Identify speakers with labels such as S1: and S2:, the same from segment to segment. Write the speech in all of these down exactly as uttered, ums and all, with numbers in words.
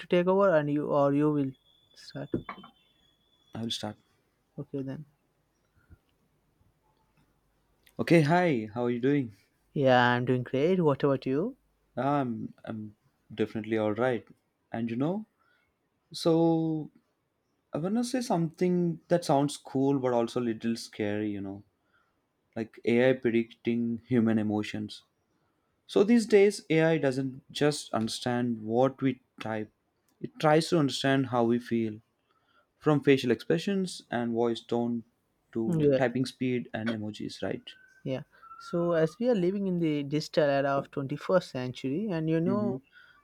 S1: To take over and you or you will start.
S2: I will start.
S1: Okay then.
S2: Okay, hi. How are you doing?
S1: Yeah, I'm doing great. What about you?
S2: I'm I'm definitely all right. And you know, so I wanna say something that sounds cool but also a little scary. You know, like A I predicting human emotions. So these days, A I doesn't just understand what we type; it tries to understand how we feel, from facial expressions and voice tone to
S1: Yeah.
S2: typing speed and emojis. Right.
S1: Yeah. So as we are living in the digital era of twenty-first century, and you
S2: Mm-hmm.
S1: know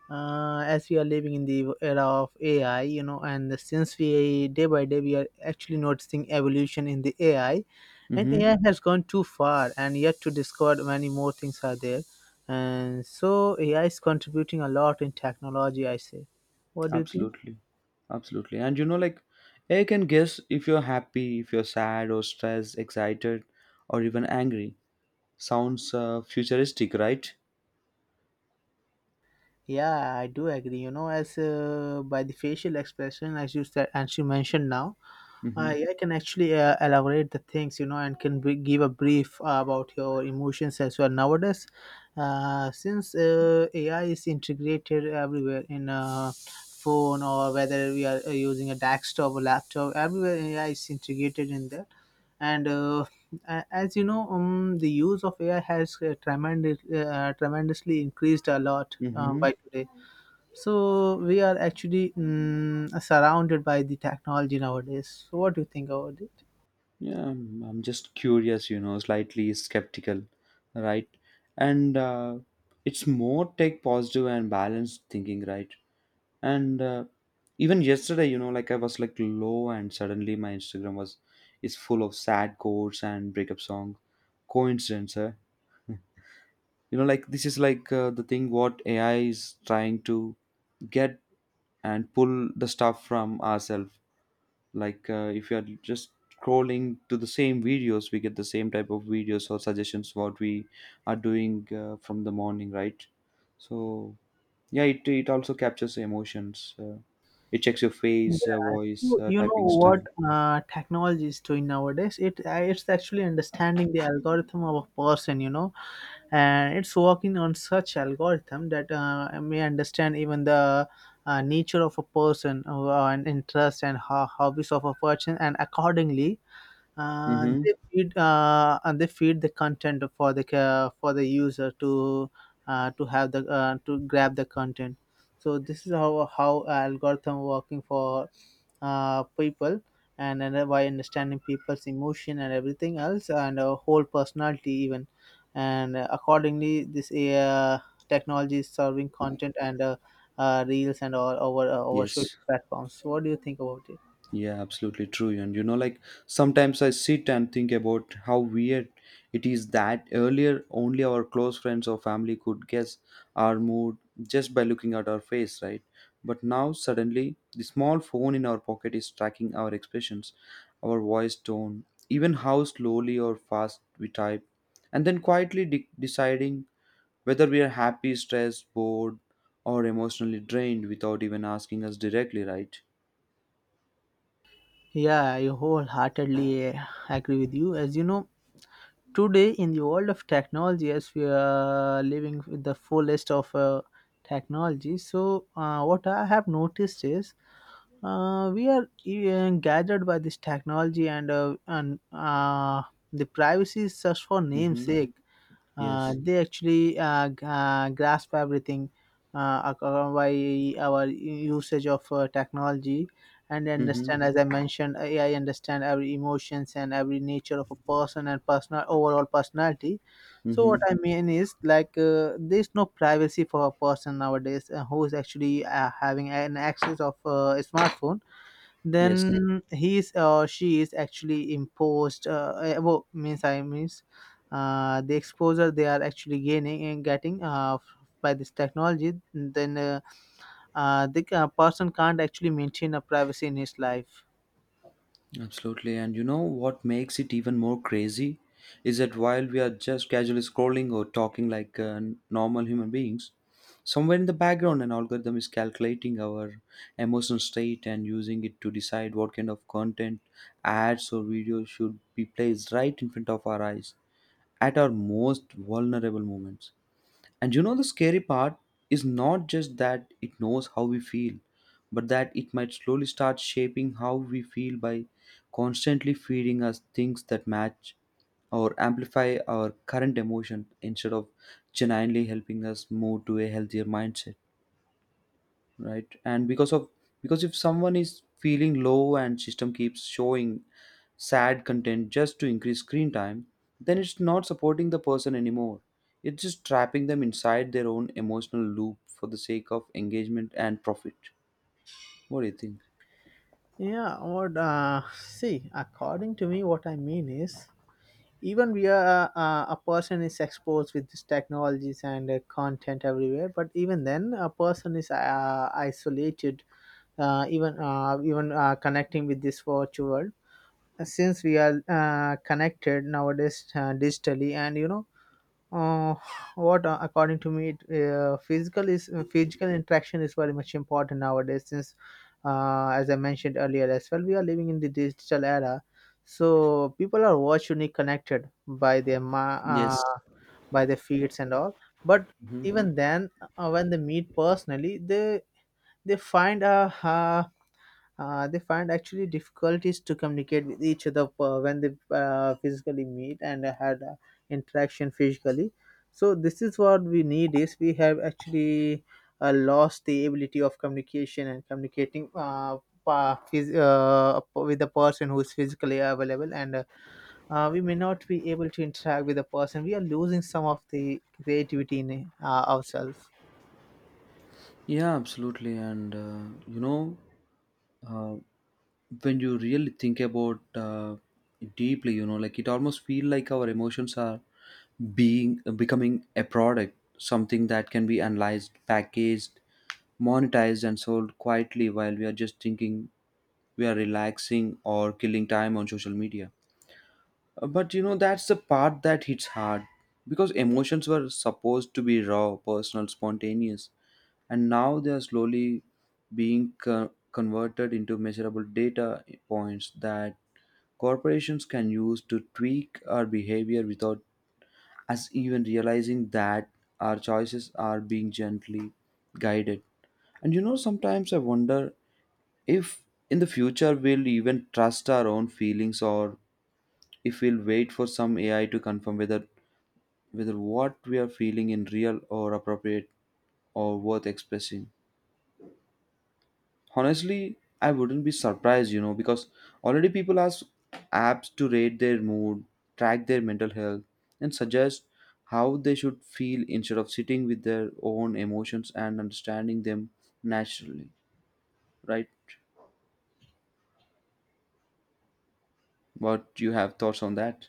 S1: uh, as we are living in the era of AI, you know and since we day by day we are actually noticing evolution in the AI, and
S2: Mm-hmm.
S1: AI has gone too far and yet to discover many more things are there. And so AI is contributing a lot in technology, I say. What do you think?
S2: Absolutely. Absolutely. And you know, like, I can guess if you're happy, if you're sad, or stressed, excited, or even angry. Sounds uh, futuristic, right?
S1: Yeah, I do agree. You know, as uh, by the facial expression, as you said, and she mentioned now,
S2: Mm-hmm.
S1: I, I can actually uh, elaborate the things, you know, and can b- give a brief uh, about your emotions as well. Nowadays, uh, since uh, A I is integrated everywhere in a phone, or whether we are uh, using a desktop or laptop, everywhere A I is integrated in there. And uh, a- as you know, um, the use of A I has uh, tremendous, uh, tremendously increased a lot uh,
S2: Mm-hmm.
S1: by today. So we are actually mm, surrounded by the technology nowadays. So what do you think about it?
S2: Yeah, I'm, I'm just curious, you know, slightly skeptical, right? And uh, it's more take positive and balanced thinking, right? And uh, even yesterday, you know, like I was like low, and suddenly my Instagram was is full of sad quotes and breakup songs. Coincidence, huh? You know, like this is like uh, the thing what AI is trying to get and pull the stuff from ourselves, like uh, if you are just scrolling to the same videos, we get the same type of videos or suggestions what we are doing uh, from the morning, right? So yeah, it, it also captures emotions, uh, it checks your
S1: Yeah.
S2: face, uh, voice,
S1: So
S2: uh,
S1: you know
S2: typing style.
S1: what uh, technology is doing nowadays? It uh, it's actually understanding the algorithm of a person, you know, and it's working on such algorithm that uh, may understand even the uh, nature of a person, uh, and interest and ho- hobbies of a person, and accordingly uh,
S2: Mm-hmm.
S1: they feed uh, and they feed the content for the ca- for the user to uh, to have the uh, to grab the content. So this is how how algorithm working for uh, people, and, and by understanding people's emotion and everything else, and uh, whole personality even, and uh, accordingly this uh, technology is serving content, and uh, uh, reels and all over uh, over social
S2: Yes.
S1: platforms. So what do you think about it?
S2: Yeah, absolutely true. And you know, like sometimes I sit and think about how weird it is that earlier only our close friends or family could guess our mood just by looking at our face, right? But now suddenly the small phone in our pocket is tracking our expressions, our voice tone, even how slowly or fast we type, and then quietly de- deciding whether we are happy, stressed, bored, or emotionally drained without even asking us directly, right?
S1: Yeah, I wholeheartedly uh, agree with you. As you know, today in the world of technology, as we are living with the fullest of uh, technology, so uh, what I have noticed is uh, we are uh, gathered by this technology, and uh, and uh, the privacy is just for
S2: Mm-hmm.
S1: namesake. Uh,
S2: Yes.
S1: they actually uh, g- uh, grasp everything uh, ac- uh, by our usage of uh, technology, and
S2: Mm-hmm.
S1: understand, as I mentioned, AI understand every emotions and every nature of a person and personal overall personality. So what
S2: Mm-hmm.
S1: I mean is like, uh, there's no privacy for a person nowadays uh, who is actually uh, having an access of uh, a smartphone.
S2: Yes,
S1: Then he is or she is actually imposed uh, eh, well, means I means uh, the exposure they are actually gaining and getting uh, f- by this technology. Then uh, uh, the uh, person can't actually maintain a privacy in his life.
S2: absolutely. And you know what makes it even more crazy is that while we are just casually scrolling or talking like uh, normal human beings, somewhere in the background, an algorithm is calculating our emotional state and using it to decide what kind of content, ads, or videos should be placed right in front of our eyes at our most vulnerable moments. And you know, the scary part is not just that it knows how we feel, but that it might slowly start shaping how we feel by constantly feeding us things that match or amplify our current emotion instead of genuinely helping us move to a healthier mindset, right? And because of because if someone is feeling low and system keeps showing sad content just to increase screen time, then it's not supporting the person anymore, it's just trapping them inside their own emotional loop for the sake of engagement and profit. What do you think?
S1: Yeah, what uh, see, according to me, what I mean is, even we are uh, a person is exposed with these technologies and uh, content everywhere, but even then, a person is uh, isolated, uh, even uh, even uh, connecting with this virtual world. Since we are uh, connected nowadays uh, digitally, and you know, uh, what uh, according to me it, uh, physical is uh, physical interaction is very much important nowadays, since, uh, as I mentioned earlier as well, we are living in the digital era. So people are virtually connected by their ma-
S2: Yes.
S1: uh, by their feeds and all. But
S2: Hmm.
S1: even then, uh, when they meet personally, they they find a uh, uh, they find actually difficulties to communicate with each other uh, when they uh, physically meet and had uh, interaction physically. So this is what we need is, we have actually uh, lost the ability of communication and communicating uh, pa- phys- uh, with the person who is physically available, and uh, uh, we may not be able to interact with the person. We are losing some of the creativity in uh, ourselves.
S2: Yeah, absolutely. And uh, you know, uh, when you really think about uh, deeply, you know, like it almost feel like our emotions are being becoming a product, something that can be analyzed, packaged, monetized and sold quietly while we are just thinking we are relaxing or killing time on social media. Uh, but you know that's the part that hits hard because emotions were supposed to be raw, personal, spontaneous, and now they are slowly being co- converted into measurable data points that corporations can use to tweak our behavior without us even realizing that our choices are being gently guided. And you know, sometimes I wonder if in the future we'll even trust our own feelings, or if we'll wait for some A I to confirm whether whether what we are feeling in real or appropriate or worth expressing. Honestly, I wouldn't be surprised, you know, because already people ask apps to rate their mood, track their mental health, and suggest how they should feel instead of sitting with their own emotions and understanding them naturally, right? What you have thoughts on that?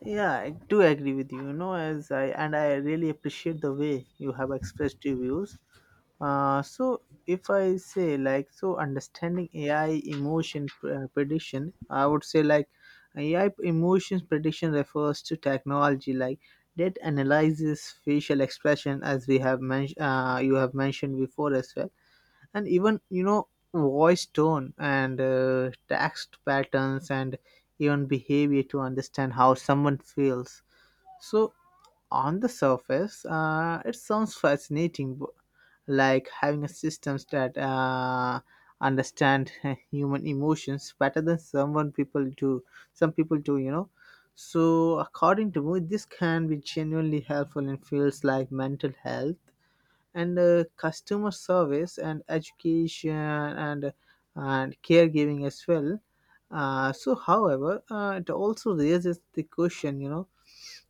S1: Yeah, I do agree with you. You know, as I and I really appreciate the way you have expressed your views. Uh, so if I say like, so, understanding A I emotion pr- uh, prediction, I would say like A I emotions prediction refers to technology like that analyzes facial expression, as we have mentioned, uh, you have mentioned before as well, and even, you know, voice tone and uh, text patterns and even behavior to understand how someone feels. So on the surface, uh, it sounds fascinating, b- like having a system that uh, understand human emotions better than someone people do some people do, you know. So according to me, this can be genuinely helpful in fields like mental health and uh, customer service and education and and caregiving as well. Uh, so however, uh, it also raises the question, you know,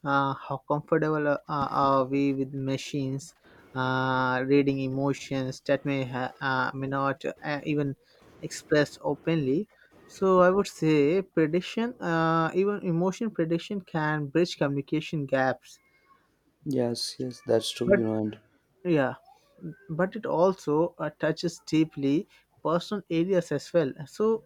S1: uh, how comfortable uh, are we with machines uh, reading emotions that may ha- uh, may not uh, even express openly? So I would say prediction, uh, even emotion prediction, can bridge communication gaps.
S2: Yes, yes, that's true,
S1: But
S2: you know, and
S1: yeah, but it also uh, touches deeply personal areas as well. So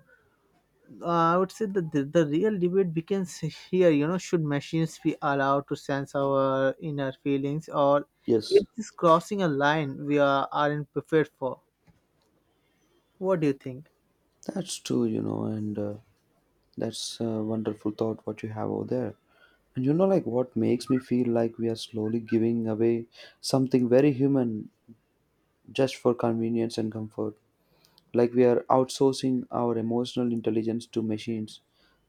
S1: uh, I would say that the, the real debate begins here, you know. Should machines be allowed to sense our inner feelings, or
S2: yes,
S1: is this crossing a line we are, aren't prepared for? What do you think?
S2: that's true, you know, and uh, that's a wonderful thought what you have over there. And you know, like what makes me feel like we are slowly giving away something very human just for convenience and comfort. Like we are outsourcing our emotional intelligence to machines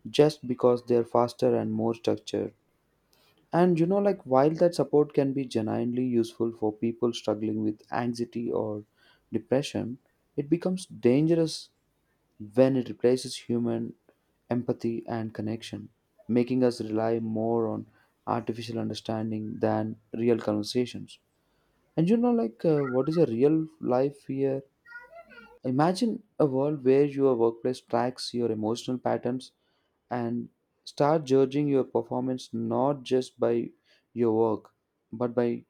S2: just because they're faster and more structured. And you know, like while that support can be genuinely useful for people struggling with anxiety or depression, it becomes dangerous when it replaces human empathy and connection, making us rely more on artificial understanding than real conversations. And you know, like, uh, what is a real life fear? Imagine a world where your workplace tracks your emotional patterns and start judging your performance not just by your work but by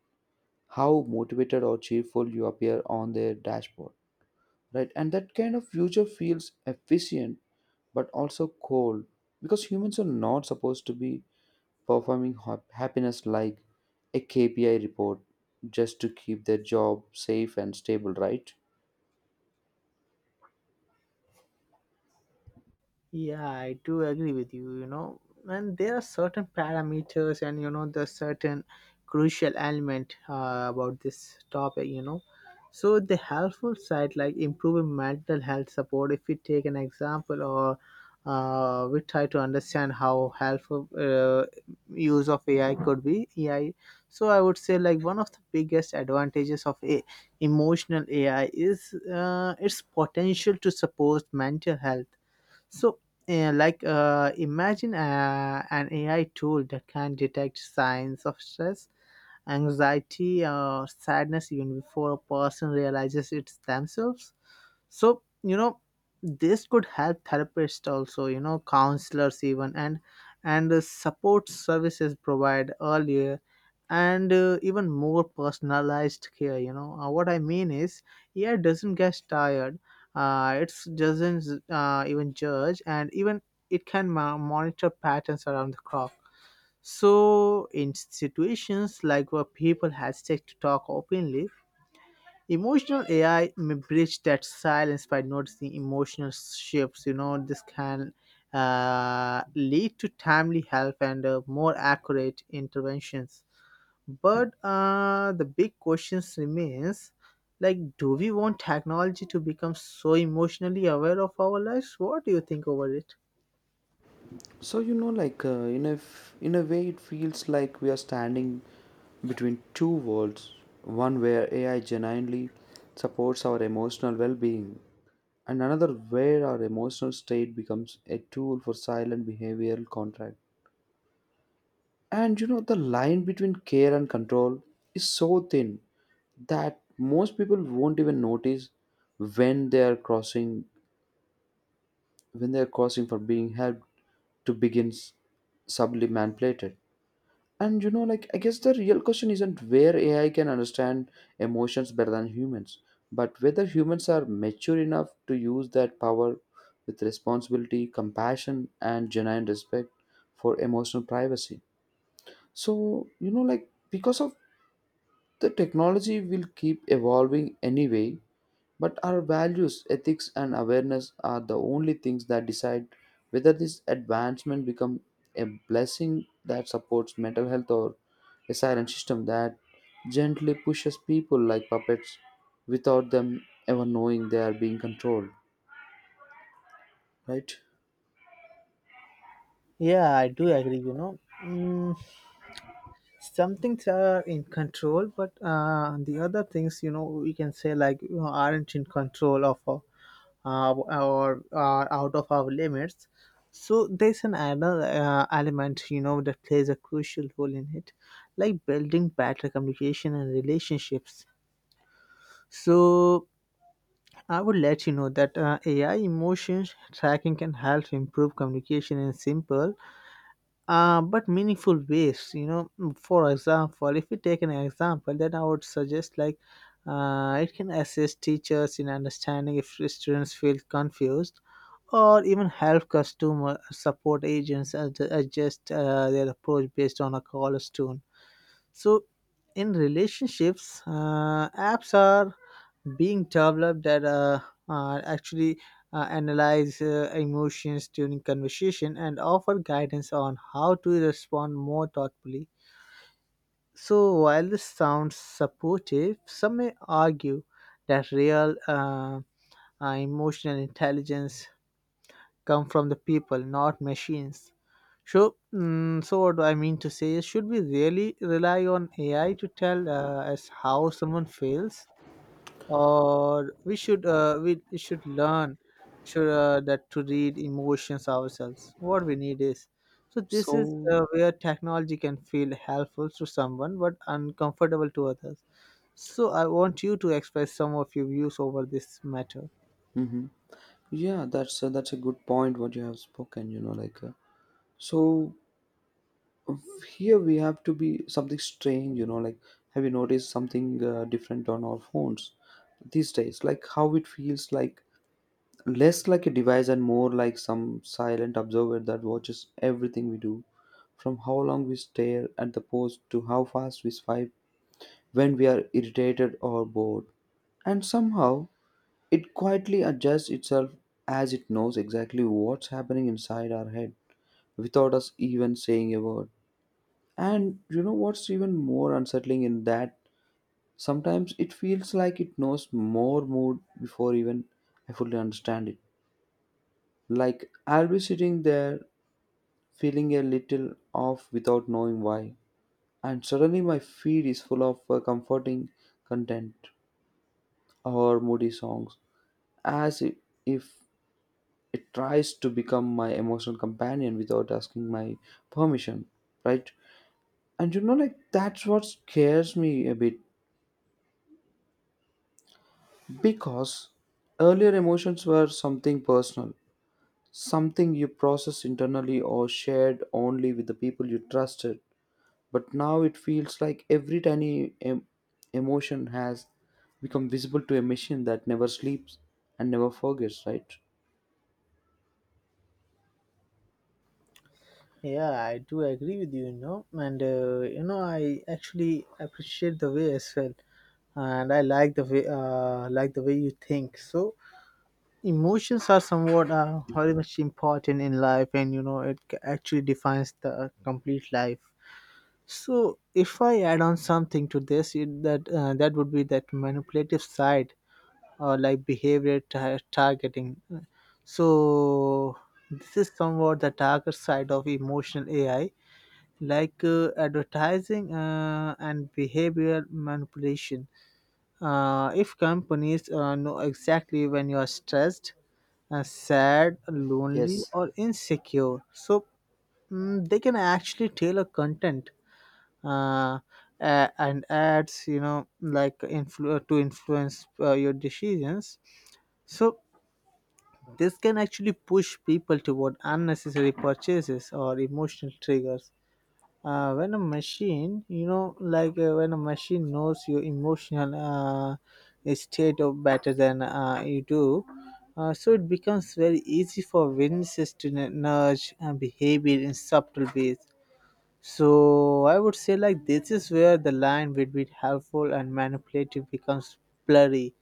S2: how motivated or cheerful you appear on their dashboard, right? And that kind of future feels efficient but also cold because humans are not supposed to be performing hap- happiness like a K P I report just to keep their job safe and stable, right?
S1: Yeah, I do agree with you, you know. And there are certain parameters, and you know, the certain crucial element uh, about this topic, you know. So the helpful side, like improving mental health support, if we take an example, or uh, we try to understand how helpful uh, use of A I could be. A I. So I would say, like, one of the biggest advantages of a emotional A I is uh, its potential to support mental health. So uh, like, uh, imagine uh, an A I tool that can detect signs of stress, anxiety, or sadness even before a person realizes it's themselves. So, you know, this could help therapists also, you know, counselors even, and and the support services provide earlier, and uh, even more personalized care, you know. Uh, what I mean is, yeah, it doesn't get tired, uh, it doesn't uh, even judge, and even it can mo- monitor patterns around the clock. So in situations like where people hesitate to talk openly, emotional AI may bridge that silence by noticing emotional shifts, you know. This can uh, lead to timely help and uh, more accurate interventions. But uh, the big questions remains, like, do we want technology to become so emotionally aware of our lives? What do you think over it?
S2: So you know, like uh, in a f- in a way, it feels like we are standing between two worlds: one where A I genuinely supports our emotional well-being, and another where our emotional state becomes a tool for silent behavioral contract. And you know, the line between care and control is so thin that most people won't even notice when they are crossing when they are crossing for being helped to begin sublimantlated. And you know, like, I guess the real question isn't where A I can understand emotions better than humans, but whether humans are mature enough to use that power with responsibility, compassion, and genuine respect for emotional privacy. So, you know, like, because of the technology will keep evolving anyway, but our values, ethics, and awareness are the only things that decide whether this advancement becomes a blessing that supports mental health or a silent system that gently pushes people like puppets without them ever knowing they are being controlled. Right?
S1: Yeah, I do agree, you know. Mm, some things are in control, but uh, the other things, you know, we can say like, you know, aren't in control of our, uh, or are out of our limits. So there's an other uh, element, you know, that plays a crucial role in it, like building better communication and relationships. So I would let you know that uh, AI emotions tracking can help improve communication in simple uh, but meaningful ways, you know. Mm, for example, if we take an example, then I would suggest like, uh, it can assist teachers in understanding if students feel confused, or even help customer support agents ad- adjust uh, their approach based on a caller's tone. So in relationships, uh, apps are being developed that uh, uh, actually uh, analyze uh, emotions during conversation and offer guidance on how to respond more thoughtfully. So while this sounds supportive, some may argue that real uh, uh, emotional intelligence come from the people, not machines. So, mm, so what do I mean to say is, should we really rely on A I to tell uh, us how someone feels? Or we should uh, we, we should learn should uh, that to read emotions ourselves, what we need is. So this is
S2: So,
S1: uh, where technology can feel helpful to someone but uncomfortable to others. So I want you to express some of your views over this matter.
S2: hmm, yeah, that's uh, that's a good point what you have spoken. You know, like uh, so. Here we have to be something strange, you know, like have you noticed something uh, different on our phones these days, like how it feels like less like a device and more like some silent observer that watches everything we do, from how long we stare at the post to how fast we swipe when we are irritated or bored, and somehow it quietly adjusts itself as it knows exactly what's happening inside our head without us even saying a word. And you know what's even more unsettling in that? Sometimes it feels like it knows more mood before even I fully understand it. Like I'll be sitting there feeling a little off without knowing why. And suddenly my feed is full of uh, comforting content or moody songs. As i- if it tries to become my emotional companion without asking my permission, right? And you know, like that's what scares me a bit because earlier emotions were something personal, something you processed internally or shared only with the people you trusted. But now it feels like every tiny em- emotion has become visible to a machine that never sleeps and never forgets, right?
S1: Yeah, I do agree with you, you know. And uh, you know, I actually appreciate the way as well, and I like the way, uh, like the way you think. So emotions are somewhat uh, very much important in life, and you know it ca- actually defines the complete life. So if I add on something to this it, that uh, that would be that manipulative side, or like behavior ta- targeting. So this is somewhat the darker side of emotional AI, like uh, advertising uh, and behavioral manipulation. Uh, if companies uh, know exactly when you are stressed, uh, sad, lonely,
S2: Yes,
S1: or insecure, so mm, they can actually tailor content uh, a- and ads, you know, like influ- to influence uh, your decisions. So this can actually push people toward unnecessary purchases or emotional triggers uh, when a machine you know like uh, when a machine knows your emotional uh, state of better than uh, you do. Uh, so it becomes very easy for witnesses to n- nudge uh, behavior in subtle ways. So I would say like this is where the line between helpful and manipulative becomes blurry.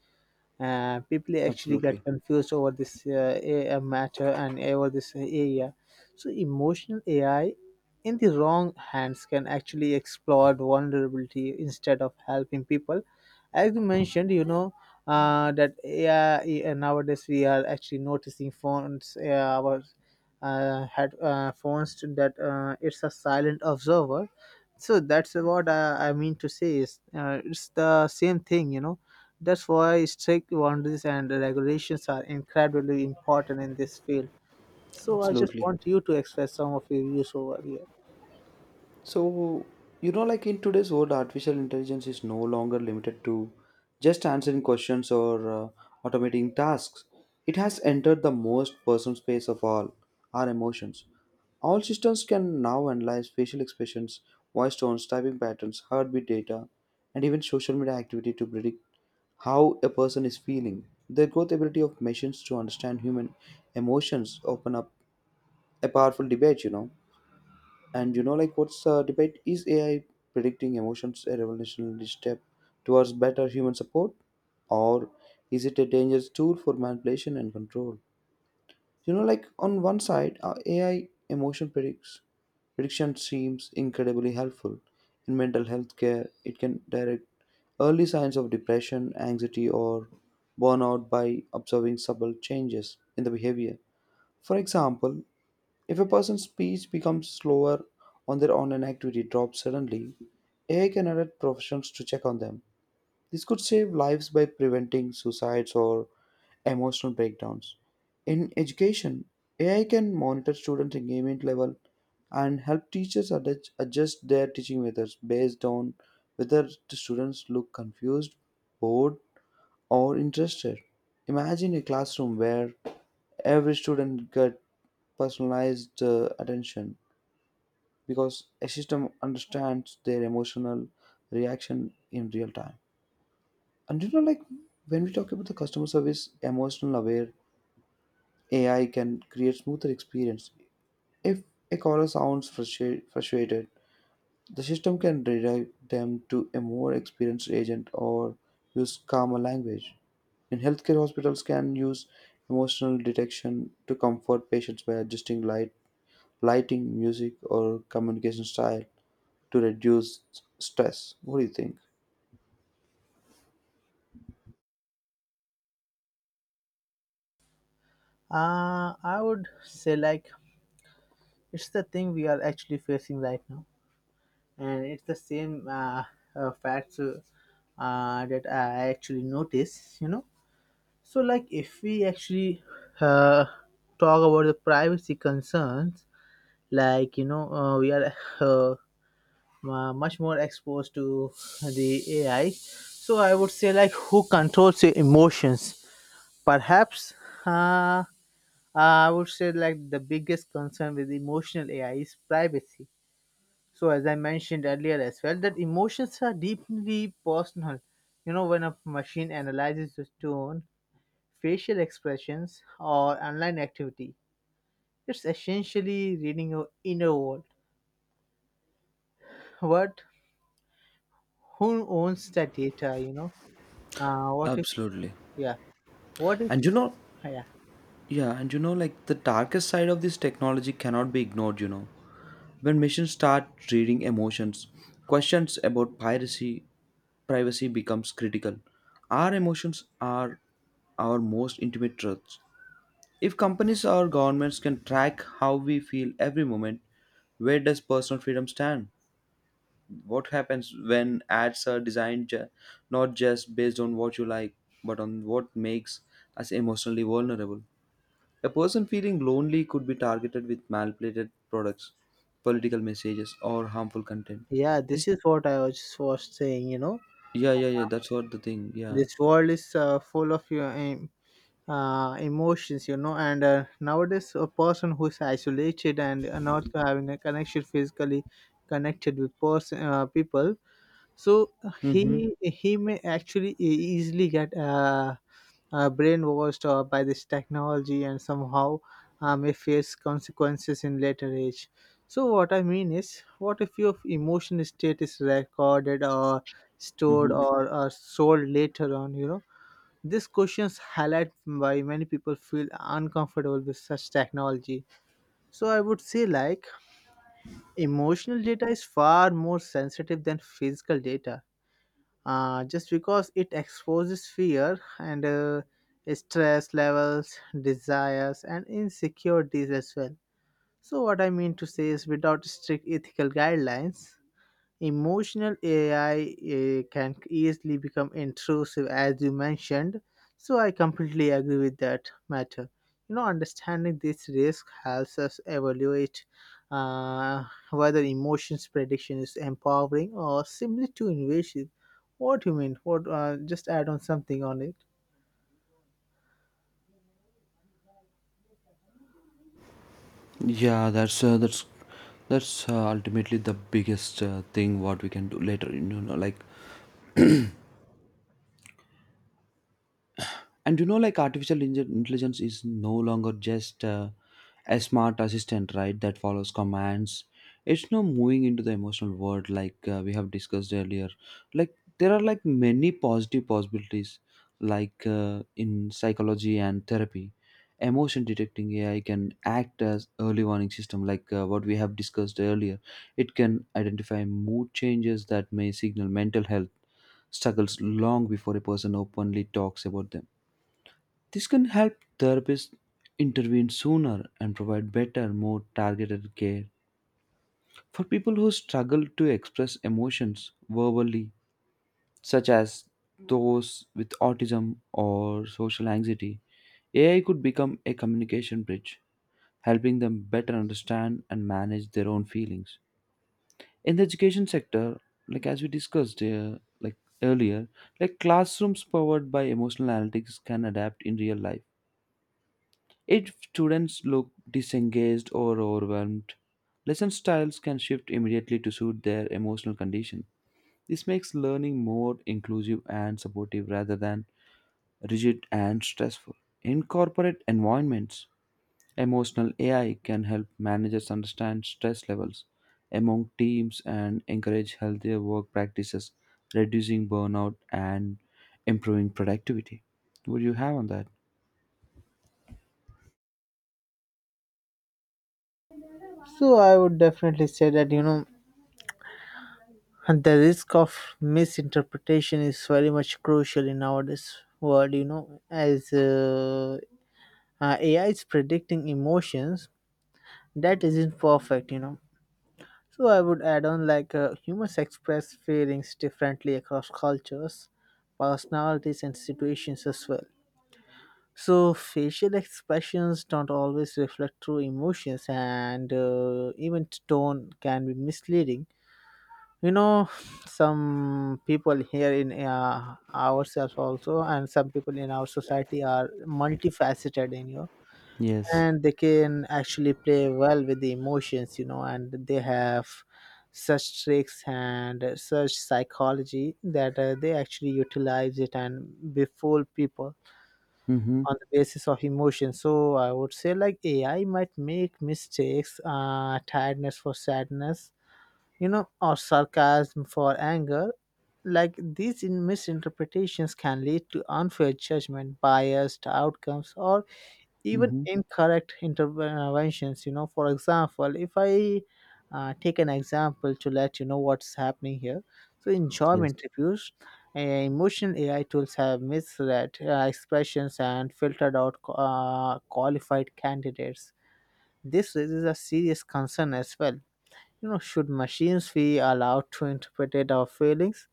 S1: uh, People actually get
S2: absolutely.
S1: confused over this uh, a- a matter and over this area. So emotional A I in the wrong hands can actually exploit vulnerability instead of helping people. As you mentioned, you know, uh, that A I nowadays we are actually noticing phones. Uh, our uh, had uh, phones that uh, it's a silent observer. So that's what i, I mean to say is uh, it's the same thing, you know. That's why strict boundaries and regulations are incredibly important in this field. So I just
S2: Absolutely.
S1: want you to express some of your views over here.
S2: So, you know, like in today's world, artificial intelligence is no longer limited to just answering questions or uh, automating tasks. It has entered the most personal space of all, our emotions. All systems can now analyze facial expressions, voice tones, typing patterns, heartbeat data, and even social media activity to predict how a person is feeling. The growth ability of machines to understand human emotions open up a powerful debate, you know. And you know, like what's the debate? Is A I predicting emotions a revolutionary step towards better human support? Or is it a dangerous tool for manipulation and control? You know, like on one side, uh, A I emotion predicts prediction seems incredibly helpful. In mental health care, it can direct early signs of depression, anxiety, or burnout by observing subtle changes in the behavior. For example, if a person's speech becomes slower on their online activity drops suddenly, A I can alert professionals to check on them. This could save lives by preventing suicides or emotional breakdowns. In education, A I can monitor students' engagement level and help teachers adjust adjust their teaching methods based on whether the students look confused, bored, or interested. Imagine a classroom where every student gets personalized uh, attention because a system understands their emotional reaction in real time. And you know, like when we talk about the customer service, emotional aware A I can create smoother experience. If a caller sounds frustra- frustrated, the system can redirect them to a more experienced agent or use calmer language. In healthcare, hospitals can use emotional detection to comfort patients by adjusting light, lighting, music, or communication style to reduce stress. What do you think?
S1: uh, I would say like it's the thing we are actually facing right now, and it's the same uh, uh, facts uh, uh, that I actually notice, you know. So, like, if we actually uh, talk about the privacy concerns, like you know, uh, we are uh, mu- much more exposed to the A I. So, I would say like who controls your emotions? Perhaps uh, I would say like the biggest concern with emotional A I is privacy. So, as I mentioned earlier as well, that emotions are deeply personal. You know, when a machine analyzes the tone, facial expressions, or online activity, it's essentially reading your inner world. But who owns that data, you know? Uh, what if,
S2: Absolutely.
S1: yeah, what if,
S2: And you know,
S1: yeah.
S2: yeah, and you know, like the darkest side of this technology cannot be ignored, you know. When machines start reading emotions, questions about piracy, privacy becomes critical. Our emotions are our most intimate truths. If companies or governments can track how we feel every moment, where does personal freedom stand? What happens when ads are designed ju- not just based on what you like but on what makes us emotionally vulnerable. A person feeling lonely could be targeted with manipulated products, political messages, or harmful content.
S1: Yeah, this
S2: This
S1: is what I was was saying, you know.
S2: yeah yeah yeah that's what the thing, yeah.
S1: This world is uh, full of your um, uh, emotions, you know. And uh, nowadays, a person who is isolated and uh, not having a connection physically connected with person uh, people, so
S2: mm-hmm,
S1: he he may actually e- easily get uh, uh, brainwashed uh, by this technology, and somehow uh, may face consequences in later age. So what I mean is, what if your emotion state is recorded or stored
S2: mm-hmm.
S1: or uh, sold later on? You know, these questions highlight why many people feel uncomfortable with such technology. So I would say like emotional data is far more sensitive than physical data. Uh, just because it exposes fear and uh, stress levels, desires, and insecurities as well. So, what I mean to say is, without strict ethical guidelines, emotional A I uh, can easily become intrusive, as you mentioned. So I completely agree with that matter. You know, understanding this risk helps us evaluate uh, whether emotions prediction is empowering or simply too invasive. What do you mean? What? Uh, just add on something on it.
S2: yeah that's uh, that's that's uh, ultimately the biggest uh, thing what we can do later you know like And you know, like artificial inge- intelligence is no longer just uh, a smart assistant, right? That follows commands. It's now moving into the emotional world, like uh, we have discussed earlier. Like there are like many positive possibilities, like uh, in psychology and therapy. Emotion detecting A I can act as early warning system, like uh, what we have discussed earlier. It can identify mood changes that may signal mental health struggles long before a person openly talks about them. This can help therapists intervene sooner and provide better, more targeted care for people who struggle to express emotions verbally, such as those with autism or social anxiety. A I could become a communication bridge, helping them better understand and manage their own feelings. In the education sector, like as we discussed uh, like earlier, like classrooms powered by emotional analytics can adapt in real life. If students look disengaged or overwhelmed, lesson styles can shift immediately to suit their emotional condition. This makes learning more inclusive and supportive rather than rigid and stressful. In corporate environments, emotional A I can help managers understand stress levels among teams and encourage healthier work practices, reducing burnout and improving productivity. What do you have on that?
S1: So I would definitely say that, you know, the risk of misinterpretation is very much crucial in nowadays world. You know, as uh, uh, A I is predicting emotions that isn't perfect, you know. So I would add on like uh, humans express feelings differently across cultures, personalities, and situations as well. So facial expressions don't always reflect true emotions, and uh, even tone can be misleading. You know, some people here in uh, ourselves also, and some people in our society are multifaceted. In you know,
S2: Yes.
S1: and they can actually play well with the emotions, you know, and they have such tricks and such psychology that uh, they actually utilize it and befool people
S2: Mm-hmm.
S1: on the basis of emotion. So I would say like AI might make mistakes, uh tiredness for sadness, you know, or sarcasm for anger. Like these in misinterpretations can lead to unfair judgment, biased outcomes, or even
S2: Mm-hmm.
S1: incorrect interventions, you know. For example, if I uh, take an example to let you know what's happening here, so in job
S2: Yes.
S1: interviews, uh, emotional AI tools have misread uh, expressions and filtered out uh, qualified candidates. This raises a serious concern as well. You know, should machines be allowed to interpret our feelings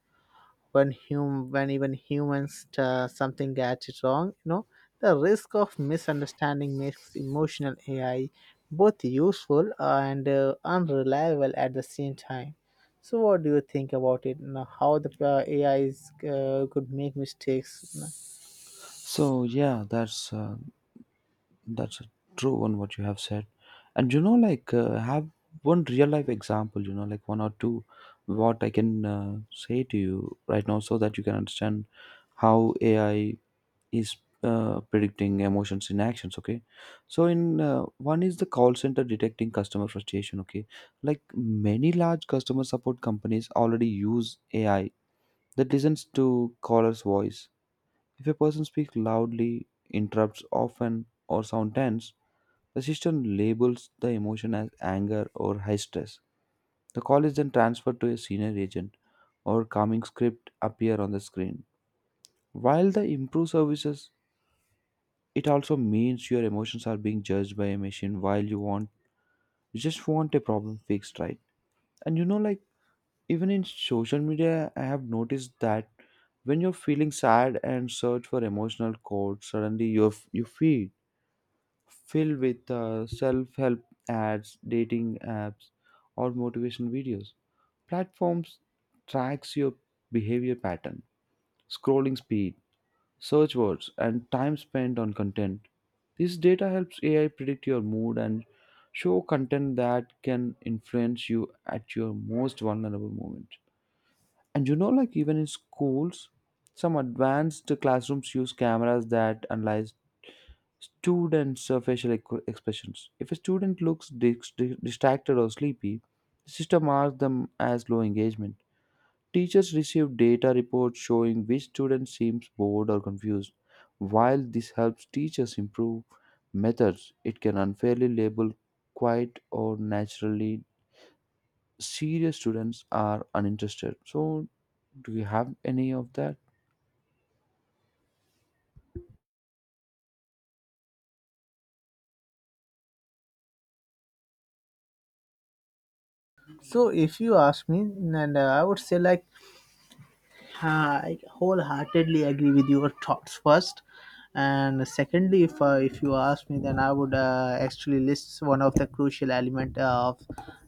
S1: when hum when even humans uh, something gets it wrong, you know? The risk of misunderstanding makes emotional AI both useful and uh, unreliable at the same time. So what do you think about it now, how the uh, AI is, uh, could make mistakes?
S2: So yeah, that's uh, that's a true one what you have said, and you know like uh, have one real life example, you know, like one or two, what I can uh, say to you right now so that you can understand how A I is uh, predicting emotions in actions. Okay, so in uh, one is the call center detecting customer frustration. Okay, like many large customer support companies already use A I that listens to caller's voice. If a person speaks loudly, interrupts often, or sounds tense, the system labels the emotion as anger or high stress. The call is then transferred to a senior agent or calming script appear on the screen. While the improve services, it also means your emotions are being judged by a machine while you want you just want a problem fixed, right? And you know, like even in social media I have noticed that when you're feeling sad and search for emotional quotes, suddenly you you feel filled with uh, self-help ads, dating apps, or motivation videos. Platforms tracks your behavior pattern, scrolling speed, search words, and time spent on content. This data helps A I predict your mood and show content that can influence you at your most vulnerable moment. And you know, like even in schools, some advanced classrooms use cameras that analyze students' uh, facial equ- expressions. If a student looks dis- di- distracted or sleepy, the system marks them as low engagement. Teachers receive data reports showing which student seems bored or confused. While this helps teachers improve methods, it can unfairly label quiet or naturally serious students are uninterested. So, do you have any of that?
S1: So if you ask me, and uh, I would say like I wholeheartedly agree with your thoughts first, and secondly, if uh, if you ask me, then I would uh, actually list one of the crucial element uh, of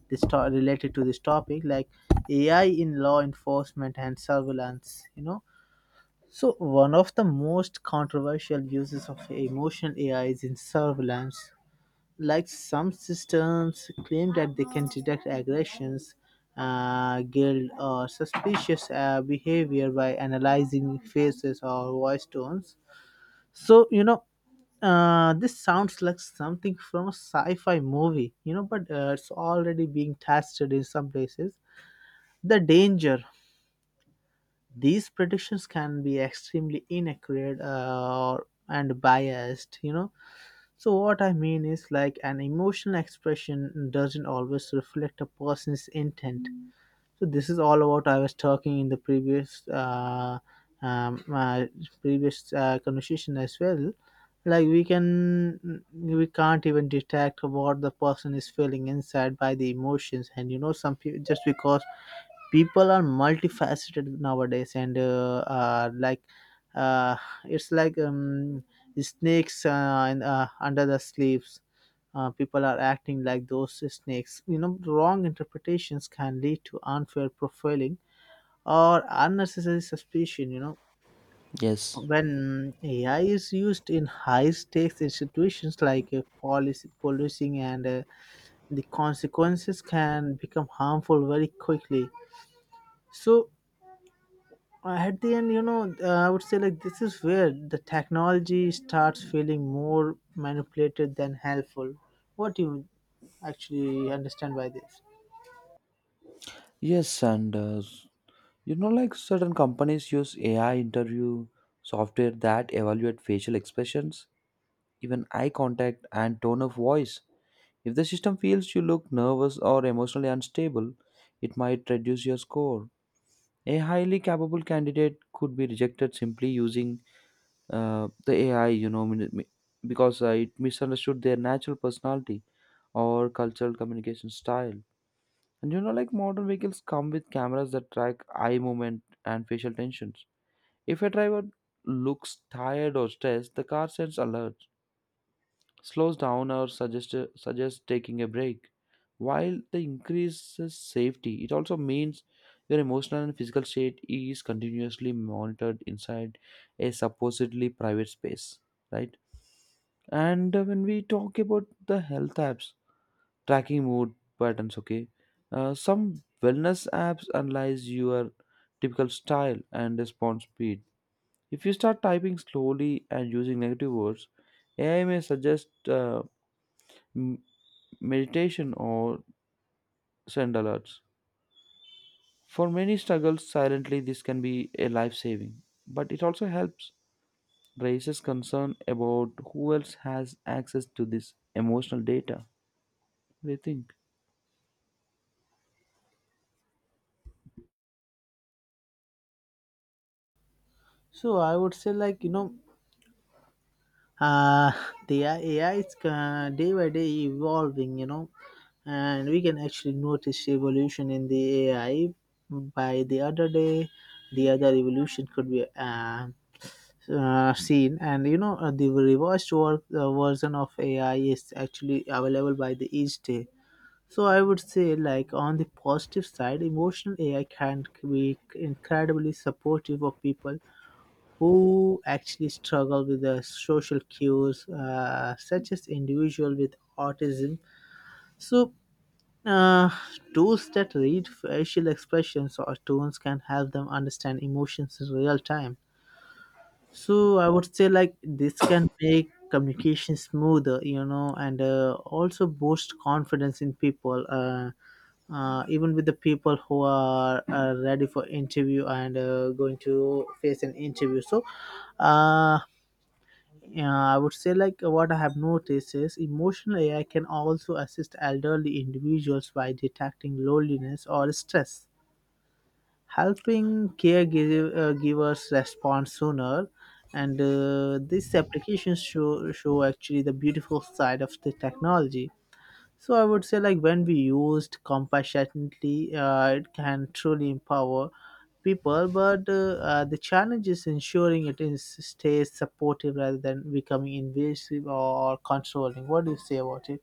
S1: this to- related to this topic, like A I in law enforcement and surveillance. You know, so one of the most controversial uses of emotional A I is in surveillance. Like some systems claim that they can detect aggressions, uh, guilt, or suspicious uh, behavior by analyzing faces or voice tones. So you know, uh, this sounds like something from a sci-fi movie, you know, but uh, it's already being tested in some places. The danger: these predictions can be extremely inaccurate uh, or and biased, you know. So what I mean is like an emotional expression doesn't always reflect a person's intent. So this is all about I was talking in the previous uh, um, uh, previous uh, conversation as well. Like we can we can't even detect what the person is feeling inside by the emotions, and you know some people just because people are multifaceted nowadays, and uh, uh, like uh, it's like um, snakes uh, in, uh, under the sleeves. Uh, people are acting like those snakes, you know. Wrong interpretations can lead to unfair profiling or unnecessary suspicion, you know.
S2: Yes.
S1: When AI is used in high stakes institutions like uh, policy policing and uh, the consequences can become harmful very quickly. So Uh, at the end, you know, uh, I would say like this is where the technology starts feeling more manipulated than helpful. What do you actually understand by this?
S2: Yes, and uh, you know, like certain companies use A I interview software that evaluate facial expressions, even eye contact, and tone of voice. If the system feels you look nervous or emotionally unstable, it might reduce your score. A highly capable candidate could be rejected simply using uh, the A I, you know, min- mi- because uh, it misunderstood their natural personality or cultural communication style. And you know, like modern vehicles come with cameras that track eye movement and facial tensions. If a driver looks tired or stressed, the car sends alerts, slows down, or suggests, suggests taking a break. While the increases safety, it also means your emotional and physical state is continuously monitored inside a supposedly private space, right? And uh, when we talk about the health apps, tracking mood patterns, okay, uh, some wellness apps analyze your typical style and response speed. If you start typing slowly and using negative words, A I may suggest uh, m- meditation or send alerts. For many struggles silently, this can be a life saving, but it also helps raises concern about who else has access to this emotional data. What do you think?
S1: So I would say like, you know, uh, the A I is uh, day by day evolving. You know, and we can actually notice evolution in the A I by the other day. The other evolution could be uh, uh, seen, and you know uh, the revised work uh, version of AI is actually available by the each day. So I would say like on the positive side, emotional AI can be incredibly supportive of people who actually struggle with the social cues, uh, such as individual with autism. So uh, tools that read facial expressions or tones can help them understand emotions in real time. So I would say like this can make communication smoother, you know, and uh, also boost confidence in people, uh, uh, even with the people who are uh, ready for interview and uh, going to face an interview. So uh, yeah, I would say like what I have noticed is emotional AI can also assist elderly individuals by detecting loneliness or stress, helping caregivers uh, givers respond sooner. And uh, these applications show show actually the beautiful side of the technology. So I would say like when we used compassionately, uh, it can truly empower people, but uh, uh, the challenge is ensuring it is stays supportive rather than becoming invasive or controlling. What do you say about it?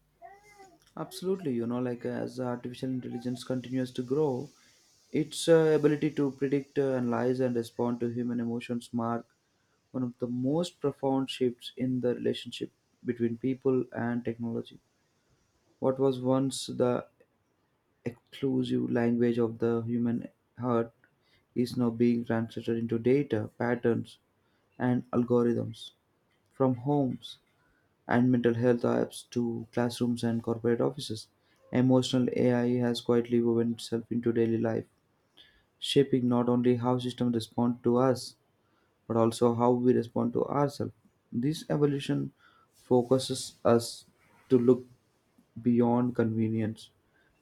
S2: Absolutely, you know, like uh, as artificial intelligence continues to grow, its uh, ability to predict, uh, analyze, and respond to human emotions mark one of the most profound shifts in the relationship between people and technology. What was once the exclusive language of the human heart is now being translated into data, patterns, and algorithms from homes and mental health apps to classrooms and corporate offices. Emotional A I has quietly woven itself into daily life, shaping not only how systems respond to us, but also how we respond to ourselves. This evolution focuses us to look beyond convenience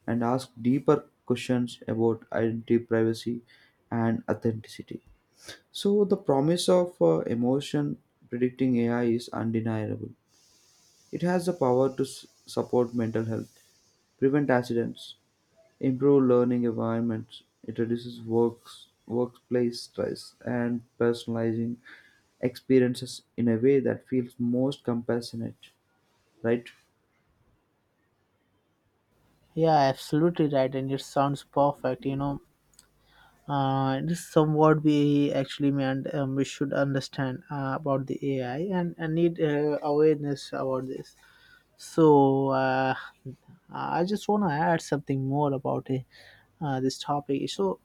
S2: and ask deeper questions about identity, privacy, and authenticity. So, the promise of uh, emotion predicting A I is undeniable. It has the power to s- support mental health, prevent accidents, improve learning environments. It reduces works, workplace stress and personalizing experiences in a way that feels most compassionate, right?
S1: Yeah, absolutely right, and it sounds perfect, you know. Uh, this somewhat we actually meant, um, we should understand uh, about the A I, and, and need uh, awareness about this. So uh, I just want to add something more about it, uh, this topic. So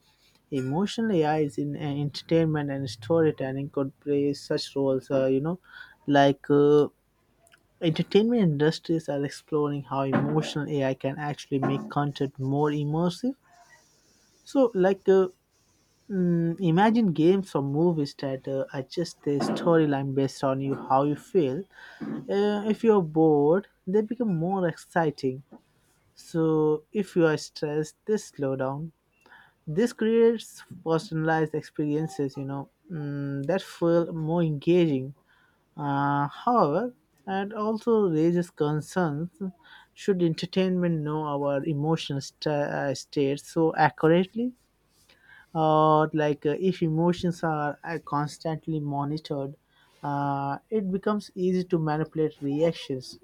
S1: emotional A I is in uh, entertainment and storytelling could play such roles. Uh, you know, like uh, entertainment industries are exploring how emotional A I can actually make content more immersive. So like. Uh, Mm, imagine games or movies that uh, adjust their storyline based on you how you feel. Uh, if you're bored, they become more exciting. So if you are stressed, they slow down. This creates personalized experiences, you know, mm, that feel more engaging. Uh, however, it also raises concerns. Should entertainment know our emotional sta uh, states so accurately? Uh, like uh, if emotions are uh, constantly monitored, uh, it becomes easy to manipulate reactions.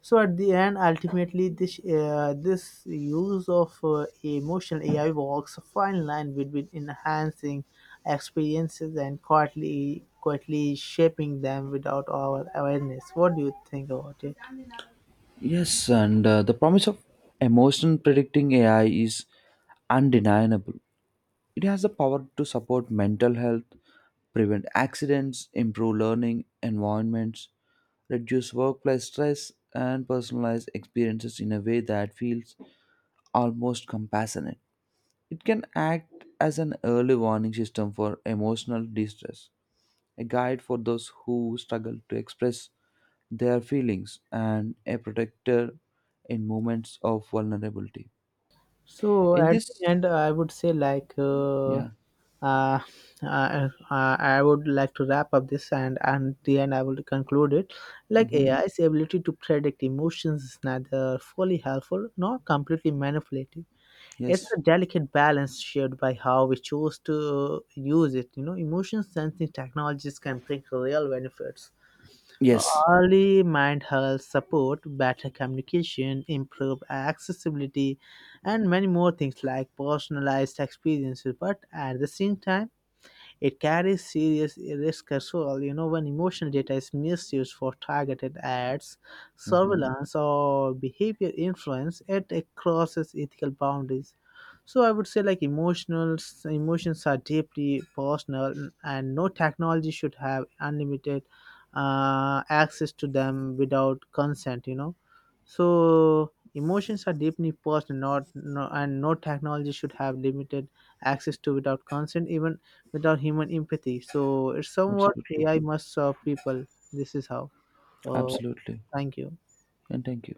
S1: So at the end, ultimately this uh, this use of uh, emotional AI walks a fine line between enhancing experiences and quietly quietly shaping them without our awareness. What do you think about it?
S2: Yes, and uh, the promise of emotion predicting A I is undeniable. It has the power to support mental health, prevent accidents, improve learning environments, reduce workplace stress, and personalize experiences in a way that feels almost compassionate. It can act as an early warning system for emotional distress, a guide for those who struggle to express their feelings, and a protector in moments of vulnerability.
S1: So
S2: In
S1: at the
S2: this,
S1: end, I would say like uh,
S2: yeah.
S1: uh, I, I I would like to wrap up this, and and the end I would conclude it. Like
S2: Hmm.
S1: A I's ability to predict emotions is neither fully helpful nor completely manipulative. It's
S2: Yes.
S1: a delicate balance shared by how we choose to use it. You know, emotion sensing technologies can bring real benefits:
S2: Yes.
S1: early mind health support, better communication, improved accessibility, and many more things like personalized experiences. But at the same time, it carries serious risk as well. You know, when emotional data is misused for targeted ads,
S2: Hmm.
S1: surveillance, or behavior influence, it, it crosses ethical boundaries. So I would say like emotionals emotions are deeply personal, and no technology should have unlimited uh, access to them without consent. You know, so emotions are deeply personal, not no, and no technology should have limited access to without consent. Even without human empathy. So it's somewhat
S2: Absolutely.
S1: A I must serve people. This is how. Uh,
S2: Absolutely.
S1: Thank you.
S2: And thank you.